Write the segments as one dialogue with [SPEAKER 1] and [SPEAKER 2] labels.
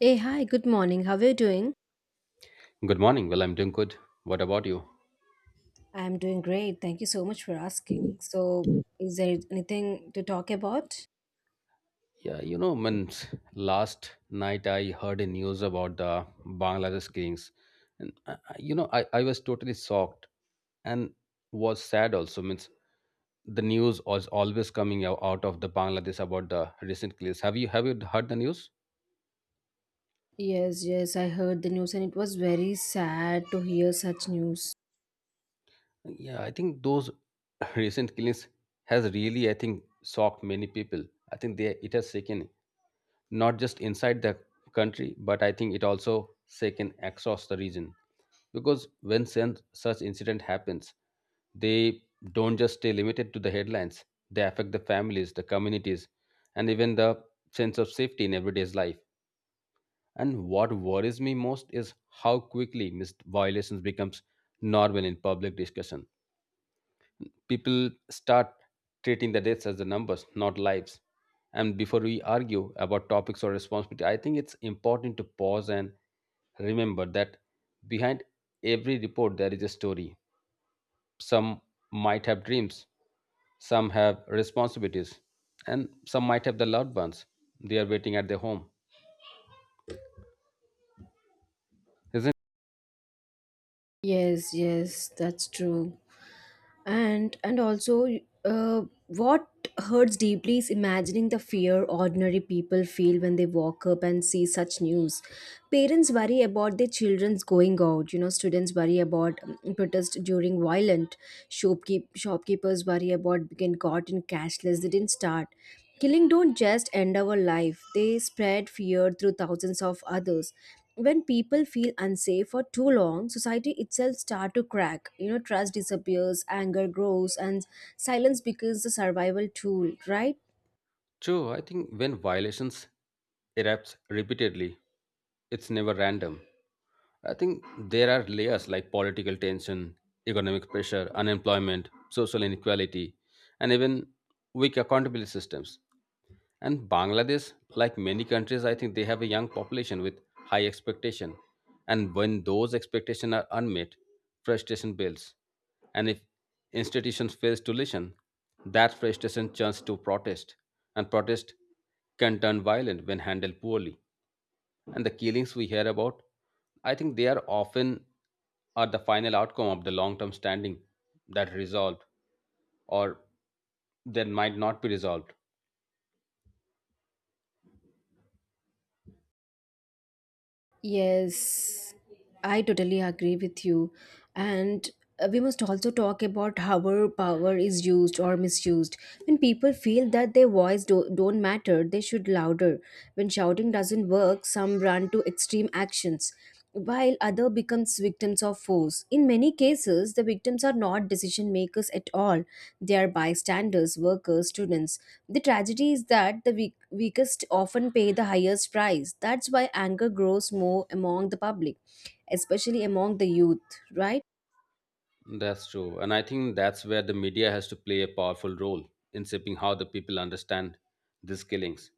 [SPEAKER 1] Hey, hi, good morning. How are you doing?
[SPEAKER 2] Good morning. Well, I'm doing good. What about you?
[SPEAKER 1] I'm doing great. Thank you so much for asking. So, is there anything to talk about?
[SPEAKER 2] Yeah, when last night I heard a news about the Bangladesh kings, and I was totally shocked and was sad also. Means the news was always coming out of the Bangladesh about the recent killings. Have you heard the news?
[SPEAKER 1] Yes, yes, I heard the news and it was very sad to hear such news.
[SPEAKER 2] Yeah, I think those recent killings has really, I think, shocked many people. I think they it has taken not just inside the country, but I think it also shaken across the region. Because when such incident happens, they don't just stay limited to the headlines. They affect the families, the communities, and even the sense of safety in everyday's life. And what worries me most is how quickly missed violations becomes normal in public discussion. People start treating the deaths as the numbers, not lives. And before we argue about topics or responsibility, I think it's important to pause and remember that behind every report there is a story. Some might have dreams, some have responsibilities, and some might have the loved ones they are waiting at their home. Isn't
[SPEAKER 1] Yes, yes, that's true. And also what hurts deeply is imagining the fear ordinary people feel when they walk up and see such news. Parents worry about their children's going out, you know, students worry about protest during violent, shopkeepers worry about being caught in cashless. They didn't start. Killing don't just end our life, they spread fear through thousands of others. When people feel unsafe for too long, society itself start to crack. You know, trust disappears, anger grows, and silence becomes the survival tool, right?
[SPEAKER 2] it true? I think when violations erupt repeatedly, it's never random. I think there are layers like political tension, economic pressure, unemployment, social inequality, and even weak accountability systems. And Bangladesh, like many countries, I think they have a young population with high expectation. And when those expectations are unmet, frustration builds. And if institutions fail to listen, that frustration turns to protest. And protest can turn violent when handled poorly. And the killings we hear about, I think they are often are the final outcome of the long-term standing that resolved or that might not be resolved.
[SPEAKER 1] Yes, I totally agree with you. And we must also talk about how our power is used or misused. When people feel that their don't matter, they should louder. When shouting doesn't work, some run to extreme actions while other becomes victims of force. In many cases the victims are not decision makers at all, they are bystanders, workers, students. The tragedy is that the weakest often pay the highest price. That's why anger grows more among the public, especially among the youth, right?
[SPEAKER 2] That's true. And I think that's where the media has to play a powerful role in shaping how the people understand these killings.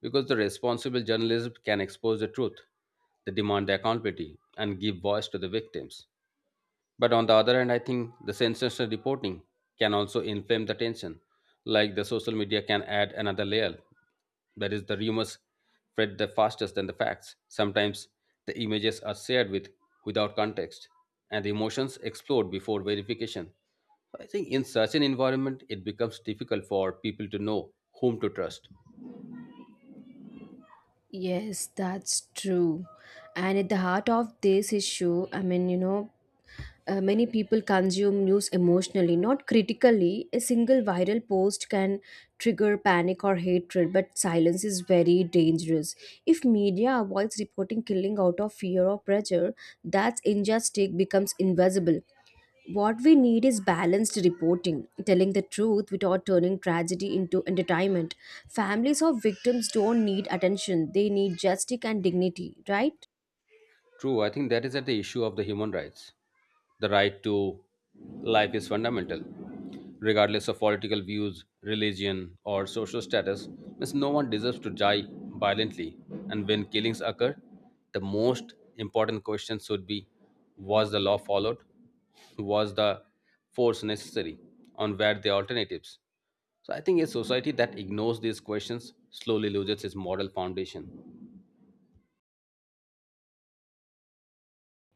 [SPEAKER 2] Because the responsible journalism can expose the truth, the demand accountability, and give voice to the victims. But on the other hand, I think the sensational reporting can also inflame the tension. Like the social media can add another layer. That is, the rumors spread the fastest than the facts. Sometimes the images are shared with without context, and the emotions explode before verification. I think in such an environment, it becomes difficult for people to know whom to trust.
[SPEAKER 1] Yes, that's true. And at the heart of this issue, I mean, you know, many people consume news emotionally, not critically. A single viral post can trigger panic or hatred, but silence is very dangerous. If media avoids reporting killing out of fear or pressure, that's injustice becomes invisible. What we need is balanced reporting, telling the truth without turning tragedy into entertainment. Families of victims don't need attention, they need justice and dignity, right?
[SPEAKER 2] True, I think that is at the issue of the human rights. The right to life is fundamental. Regardless of political views, religion, or social status, means no one deserves to die violently. And when killings occur, the most important question should be, was the law followed? Was the force necessary? On where the alternatives? So I think a society that ignores these questions slowly loses its moral foundation.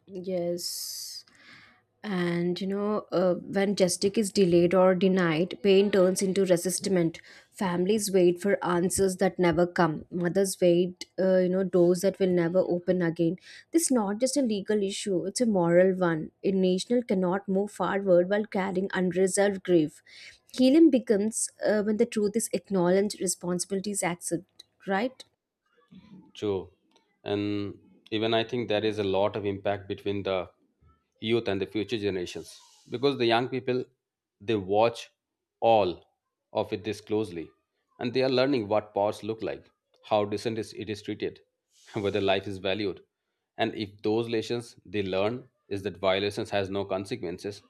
[SPEAKER 1] Yes. And you know, when justice is delayed or denied, pain turns into resistment. Families wait for answers that never come. Mothers wait, you know, doors that will never open again. This is not just a legal issue; it's a moral one. A nation cannot move forward while carrying unresolved grief. Healing becomes, when the truth is acknowledged, responsibility is accepted. Right?
[SPEAKER 2] True. And even I think there is a lot of impact between the youth and the future generations, because the young people, they watch all of it this closely, and they are learning what powers look like, how decent is it is treated, whether life is valued. And if those lessons they learn is that violations has no consequences,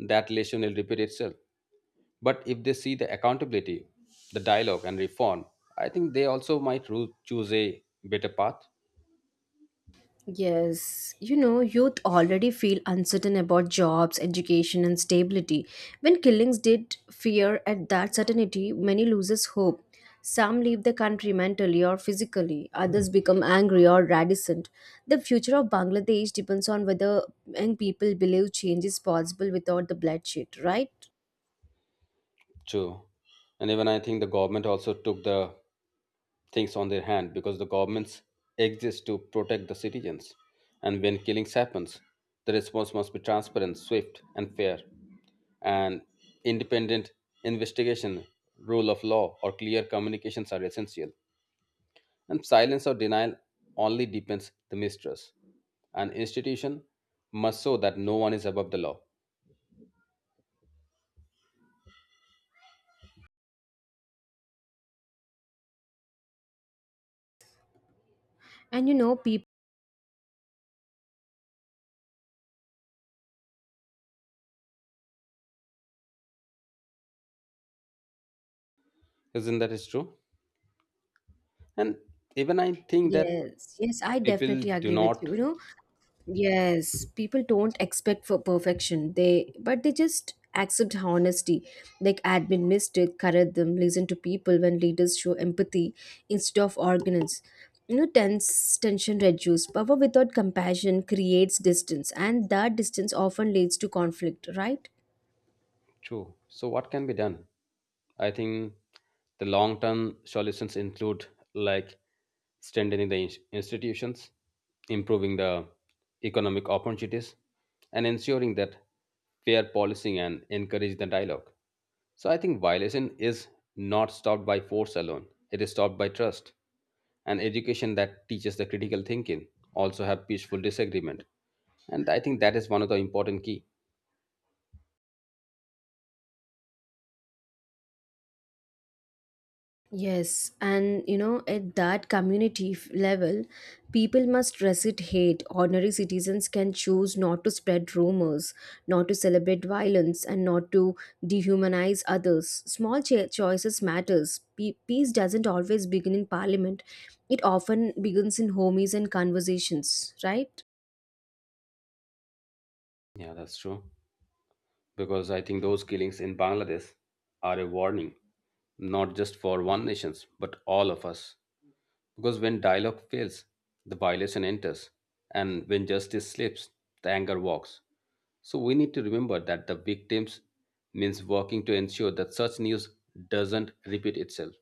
[SPEAKER 2] that lesson will repeat itself. But if they see the accountability, the dialogue, and reform, I think they also might choose a better path.
[SPEAKER 1] Yes, you know, youth already feel uncertain about jobs, education, and stability. When killings did fear at that certainty, many loses hope. Some leave the country mentally or physically, others become angry or reticent. The future of Bangladesh depends on whether young people believe change is possible without the bloodshed, right?
[SPEAKER 2] True. And even I think the government also took the things on their hand, because the governments exist to protect the citizens. And when killings happens, the response must be transparent, swift, and fair. And independent investigation, rule of law, or clear communications are essential. And silence or denial only deepens the mistrust. An institution must show that no one is above the law.
[SPEAKER 1] And you know, people.
[SPEAKER 2] Isn't that is true? And even I think that
[SPEAKER 1] Yes, yes, I
[SPEAKER 2] people
[SPEAKER 1] definitely
[SPEAKER 2] do
[SPEAKER 1] agree with
[SPEAKER 2] not.
[SPEAKER 1] you. You know, yes, people don't expect for perfection. They but they just accept honesty. Like admin mistake, correct them, listen to people when leaders show empathy instead of arrogance. You know, tense tension reduce. Power without compassion creates distance, and that distance often leads to conflict, right?
[SPEAKER 2] True. So, what can be done? I think the long term solutions include like strengthening the institutions, improving the economic opportunities, and ensuring that fair policing and encourage the dialogue. So, I think violation is not stopped by force alone, it is stopped by trust and education that teaches the critical thinking, also have peaceful disagreement. And I think that is one of the important key.
[SPEAKER 1] Yes, and you know, at that community level, people must resist hate. Ordinary citizens can choose not to spread rumors, not to celebrate violence, and not to dehumanize others. Small choices matters. Peace doesn't always begin in parliament. It often begins in homies and conversations, right?
[SPEAKER 2] Yeah, that's true. Because I think those killings in Bangladesh are a warning, not just for one nations, but all of us. Because when dialogue fails, the violation enters, and when justice slips, the anger walks. So we need to remember that the victims means working to ensure that such news doesn't repeat itself.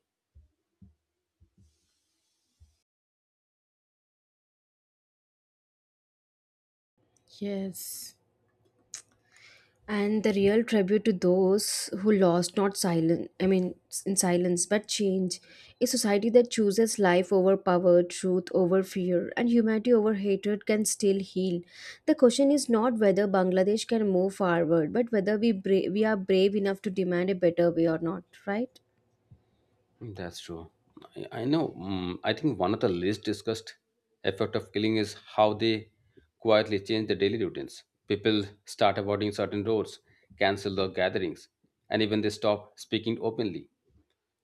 [SPEAKER 1] Yes. And the real tribute to those who lost not silence, I mean in silence but change. A society that chooses life over power, truth over fear, and humanity over hatred can still heal. The question is not whether Bangladesh can move forward but whether we are brave enough to demand a better way or not, right?
[SPEAKER 2] That's true. I know. I think one of the least discussed effect of killing is how they quietly change their daily routines. People start avoiding certain roads, cancel their gatherings, and even they stop speaking openly.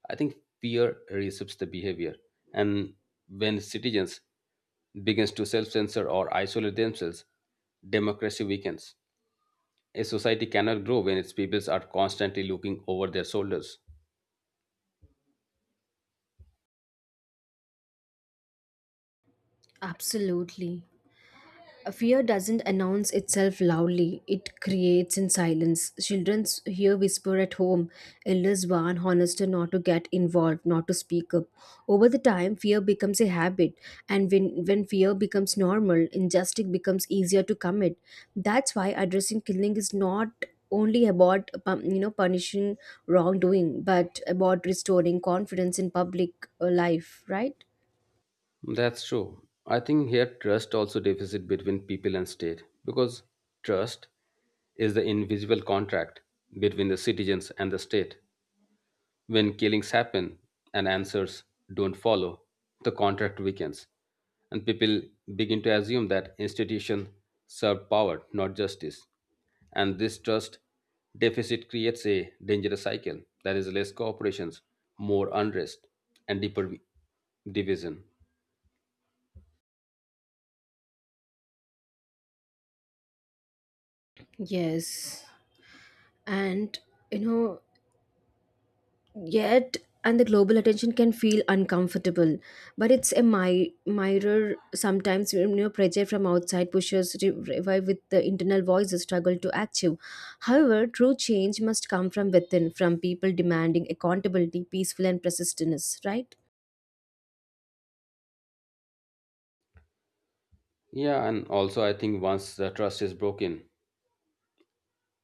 [SPEAKER 2] I think fear reshapes the behavior, and when citizens begins to self-censor or isolate themselves, democracy weakens. A society cannot grow when its peoples are constantly looking over their shoulders.
[SPEAKER 1] Absolutely. A fear doesn't announce itself loudly, it creates in silence. Children hear whisper at home, elders warn honester not to get involved, not to speak up. Over the time, fear becomes a habit, and when fear becomes normal, injustice becomes easier to commit. That's why addressing killing is not only about you know punishing wrongdoing but about restoring confidence in public life, right?
[SPEAKER 2] That's true. I think here trust also deficit between people and state, because trust is the invisible contract between the citizens and the state. When killings happen and answers don't follow, the contract weakens and people begin to assume that institution serve power, not justice. And this trust deficit creates a dangerous cycle, that is less cooperations, more unrest and deeper division.
[SPEAKER 1] Yes, and you know, yet, and the global attention can feel uncomfortable but it's a mirror sometimes. You know, pressure from outside pushes revive with the internal voices struggle to achieve. However, true change must come from within, from people demanding accountability peaceful and persistence, right?
[SPEAKER 2] Yeah, and also I think once the trust is broken,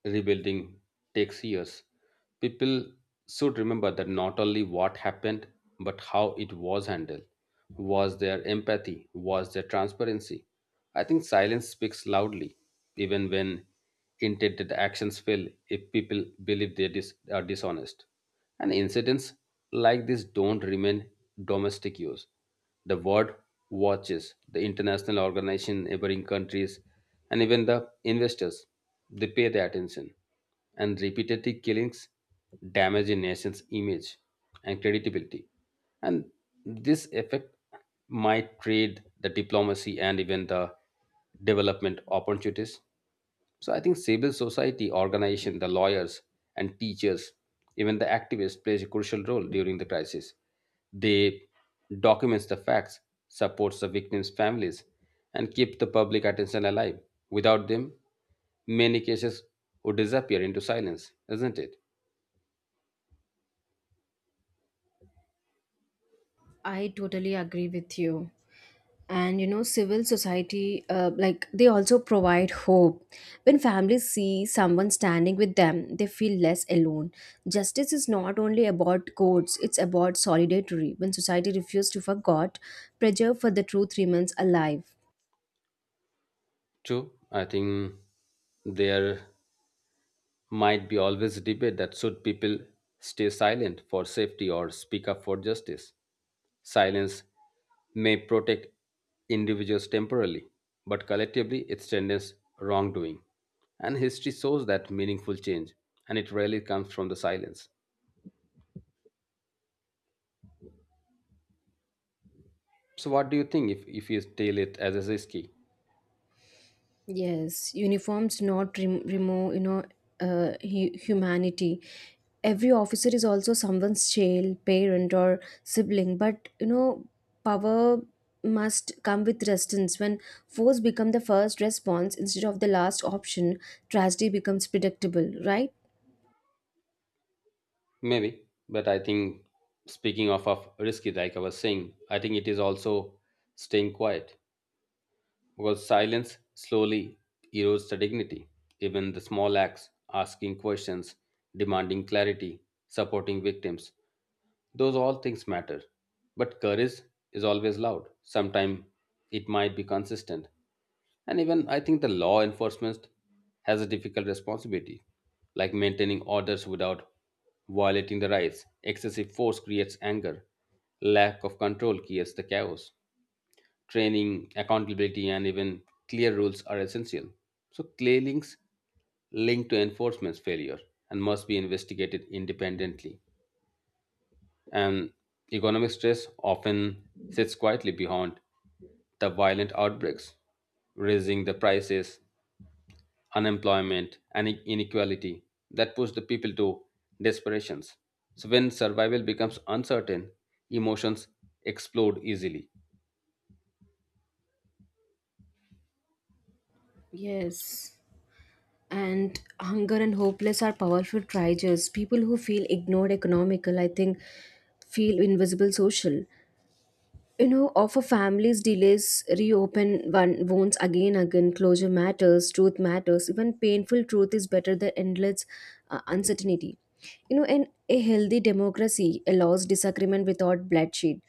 [SPEAKER 2] rebuilding takes years. People should remember that not only what happened, but how it was handled. Was there empathy? Was there transparency? I think silence speaks loudly, even when intended actions fail if people believe they are dishonest. And incidents like this don't remain domestic use. The word watches the international organization, neighboring countries, and even the investors. They pay their attention. And repetitive killings damage a nation's image and credibility. And this effect might trade the diplomacy and even the development opportunities. So I think civil society organization, the lawyers and teachers, even the activists plays a crucial role during the crisis. They documents the facts, supports the victims' families, and keep the public attention alive. Without them, many cases would disappear into silence, isn't it?
[SPEAKER 1] I totally agree with you. And you know, civil society, like they also provide hope. When families see someone standing with them they feel less alone. Justice is not only about courts, it's about solidarity. When society refuses to forget, pressure for the truth remains alive.
[SPEAKER 2] True. I think their might be always a debate that should people stay silent for safety or speak up for justice. Silence may protect individuals temporarily, but collectively it strengthens wrongdoing. And history shows that meaningful change, and it rarely comes from the silence. So, what do you think if you tell it as a risky?
[SPEAKER 1] Yes, uniforms not remove, you know, humanity. Every officer is also someone's child, parent, or sibling. But you know, power must come with resistance. When force become the first response instead of the last option, tragedy becomes predictable. Right?
[SPEAKER 2] Maybe, but I think speaking of risky, like I was saying, I think it is also staying quiet. Because silence slowly erodes the dignity. Even the small acts, asking questions, demanding clarity, supporting victims, those all things matter. But courage is always loud. Sometimes it might be consistent. And even I think the law enforcement has a difficult responsibility, like maintaining orders without violating the rights. Excessive force creates anger. Lack of control creates the chaos. Training, accountability, and even clear rules are essential. So, clear links linked to enforcement's failure and must be investigated independently. And economic stress often sits quietly behind the violent outbreaks, raising the prices, unemployment, and inequality that push the people to desperations. So when survival becomes uncertain, emotions explode easily.
[SPEAKER 1] Yes. And hunger and hopeless are powerful triggers. People who feel ignored, economical, I think, feel invisible, social. You know, of a family's delays reopen one wounds, again again. Closure matters, truth matters. Even painful truth is better than endless uncertainty. You know, in a healthy democracy allows disagreement without bloodshed.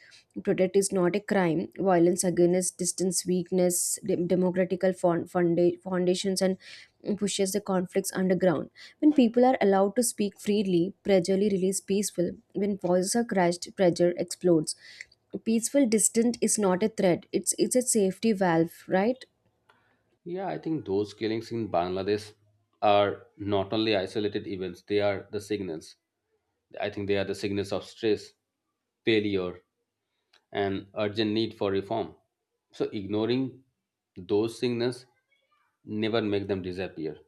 [SPEAKER 1] Protest is not a crime. Violence against distance, weakness, democratical foundations, and pushes the conflicts underground. When people are allowed to speak freely, pressure release peaceful. When voices are crushed, pressure explodes peaceful. Distant is not a threat, it's a safety valve, right?
[SPEAKER 2] Yeah, I think those killings in Bangladesh are not only isolated events, they are the signals. I think they are the signals of stress, failure, and urgent need for reform. So ignoring those signals never make them disappear.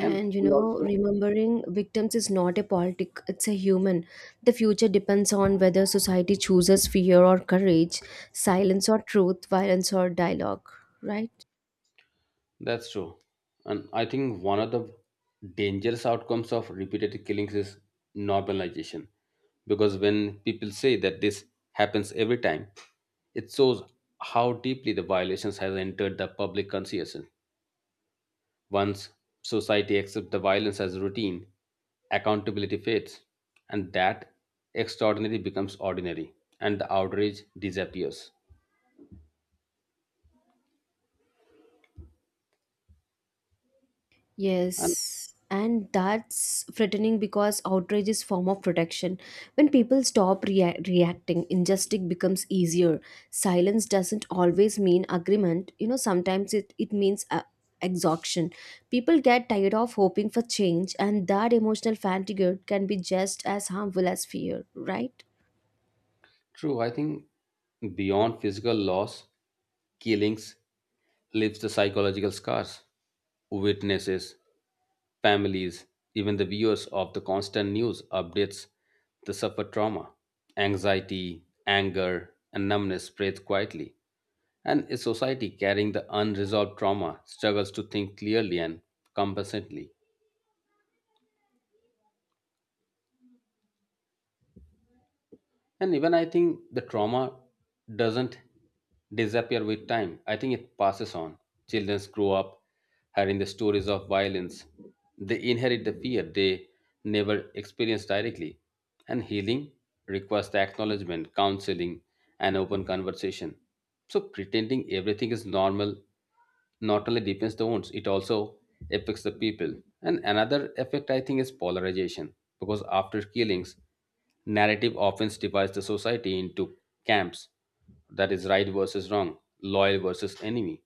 [SPEAKER 2] And
[SPEAKER 1] you
[SPEAKER 2] we
[SPEAKER 1] know,
[SPEAKER 2] also.
[SPEAKER 1] remembering victims is not a politic, it's a human. The future depends on whether society chooses fear or courage, silence or truth, violence or dialogue, right?
[SPEAKER 2] That's true. And I think one of the dangerous outcomes of repeated killings is normalization. Because when people say that this happens every time, it shows how deeply the violations has entered the public consciousness. Once society accepts the violence as routine, accountability fades, and that extraordinary becomes ordinary, and the outrage disappears. And.
[SPEAKER 1] Yes, and that's threatening because outrage is form of protection. When people stop reacting, injustice becomes easier. Silence doesn't always mean agreement. You know, sometimes it means exhaustion. People get tired of hoping for change, and that emotional fatigue can be just as harmful as fear, right?
[SPEAKER 2] True, I think beyond physical loss, killings leaves the psychological scars. Witnesses, families, even the viewers of the constant news updates the suffer trauma. Anxiety, anger, and numbness spreads quietly. And a society carrying the unresolved trauma struggles to think clearly and compassionately. And even I think the trauma doesn't disappear with time. I think it passes on. Children grow up hearing the stories of violence. They inherit the fear they never experienced directly. And healing requires the acknowledgement, counseling, and open conversation. So pretending everything is normal not only deepens the wounds, it also affects the people. And another effect I think is polarization, because after killings, narrative often divides the society into camps, that is right versus wrong, loyal versus enemy.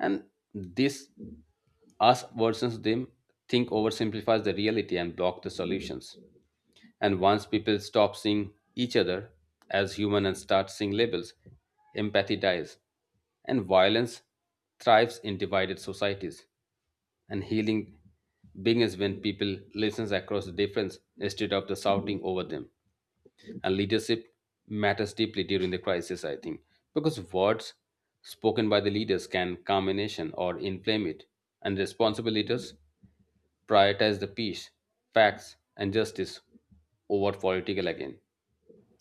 [SPEAKER 2] And this us versus them think oversimplifies the reality and block the solutions. And once people stop seeing each other as human and start seeing labels, empathy dies. And violence thrives in divided societies. And healing begins when people listen across the difference instead of the shouting over them. And leadership matters deeply during the crisis, I think, because words spoken by the leaders can calm a nation or inflame it. And responsible leaders prioritize the peace, facts, and justice over political again.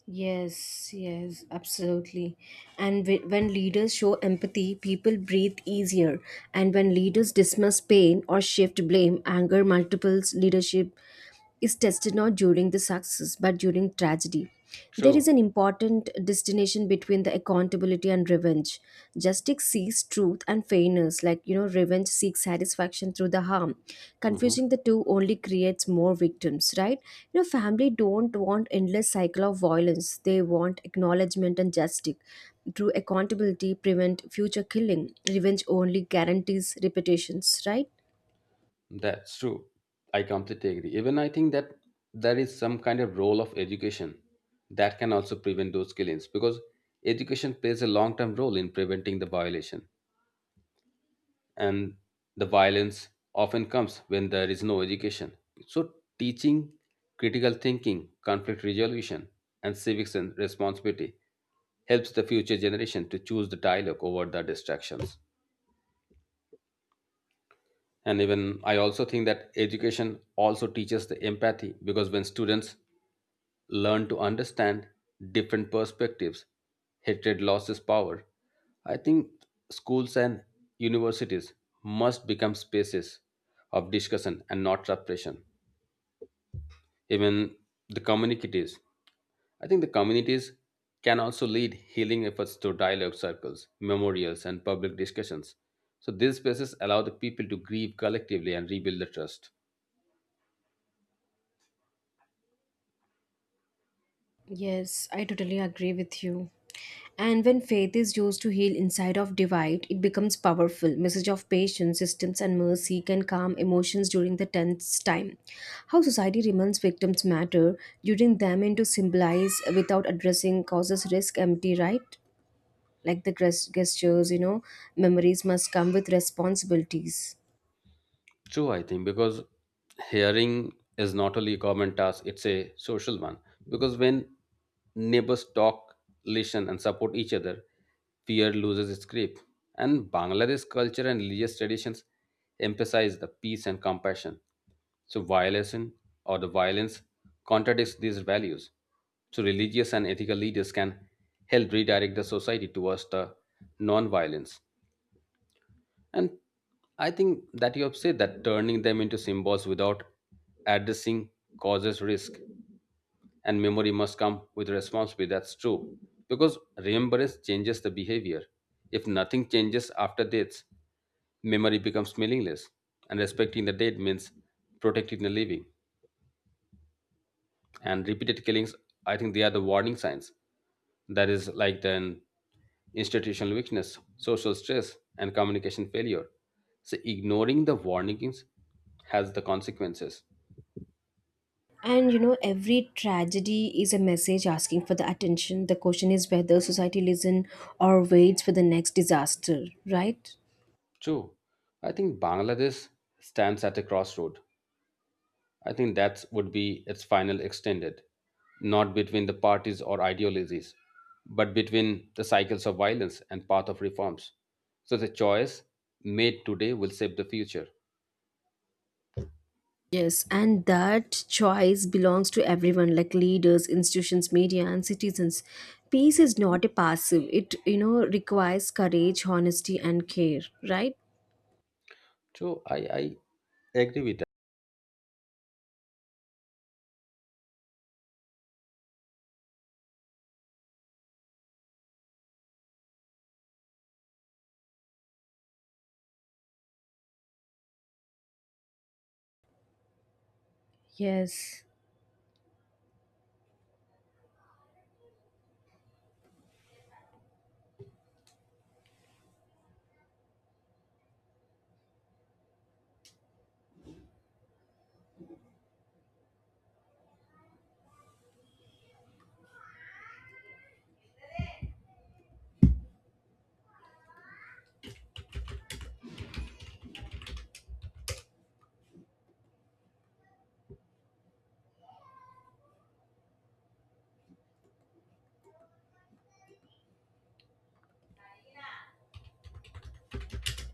[SPEAKER 1] Yes, yes, absolutely. And when leaders show empathy, people breathe easier. And when leaders dismiss pain or shift blame, anger multiples. Leadership is tested not during the success but during tragedy. There is
[SPEAKER 2] True.
[SPEAKER 1] an important distinction between the accountability and revenge. Justice seeks truth and fairness, like you know, revenge seeks satisfaction through the harm.
[SPEAKER 2] Mhm.
[SPEAKER 1] Confusing the two only creates more victims, right? You know, family don't want endless cycle of violence. They want acknowledgement and justice. Through accountability, prevent future killing. Revenge only guarantees repetitions, right?
[SPEAKER 2] That's true. I completely agree. Even I think that there is some kind of role of education that can also prevent those killings because education plays a long term role in preventing the violation. And the violence often comes when there is no education. So, teaching critical thinking, conflict resolution, and civics and responsibility helps the future generation to choose the dialogue over the distractions. And even I also think that education also teaches the empathy, because when students learn to understand different perspectives, hatred loses power. I think schools and universities must become spaces of discussion and not repression. Even the communities, I think the communities can also lead healing efforts through dialogue circles, memorials and public discussions. So these spaces allow the people to grieve collectively and rebuild the trust.
[SPEAKER 1] Yes, I totally agree with you. And when faith is used to heal inside of divide, it becomes powerful. Message of patience, systems, and mercy can calm emotions during the tense time. How society remains victims matter during them and to symbolize without addressing causes risk empty, right? Like the gestures, you know, memories must come with responsibilities.
[SPEAKER 2] True, I think, because hearing is not only a common task, it's a social one. Because when neighbors talk, listen, and support each other, fear loses its grip. And Bangladesh culture and religious traditions emphasize the peace and compassion. So, violence or the violence contradicts these values. So, religious and ethical leaders can help redirect the society towards the non violence. And I think that you have said that turning them into symbols without addressing causes risk, and memory must come with responsibility. That's true. Because remembrance changes the behavior. If nothing changes after death, memory becomes meaningless. And respecting the dead means protecting the living. And repeated killings, I think they are the warning signs. That is like then institutional weakness, social stress, and communication failure. So, ignoring the warnings has the consequences.
[SPEAKER 1] And you know, every tragedy is a message asking for the attention. The question is whether society listens or waits for the next disaster, right?
[SPEAKER 2] True. I think Bangladesh stands at a crossroad. I think that would be its final extended, not between the parties or ideologies, but between the cycles of violence and path of reforms. So the choice made today will shape the future.
[SPEAKER 1] Yes, and that choice belongs to everyone, like leaders, institutions, media, and citizens. Peace is not a passive, it, you know, requires courage, honesty, and care, right?
[SPEAKER 2] So I agree with
[SPEAKER 1] Yes.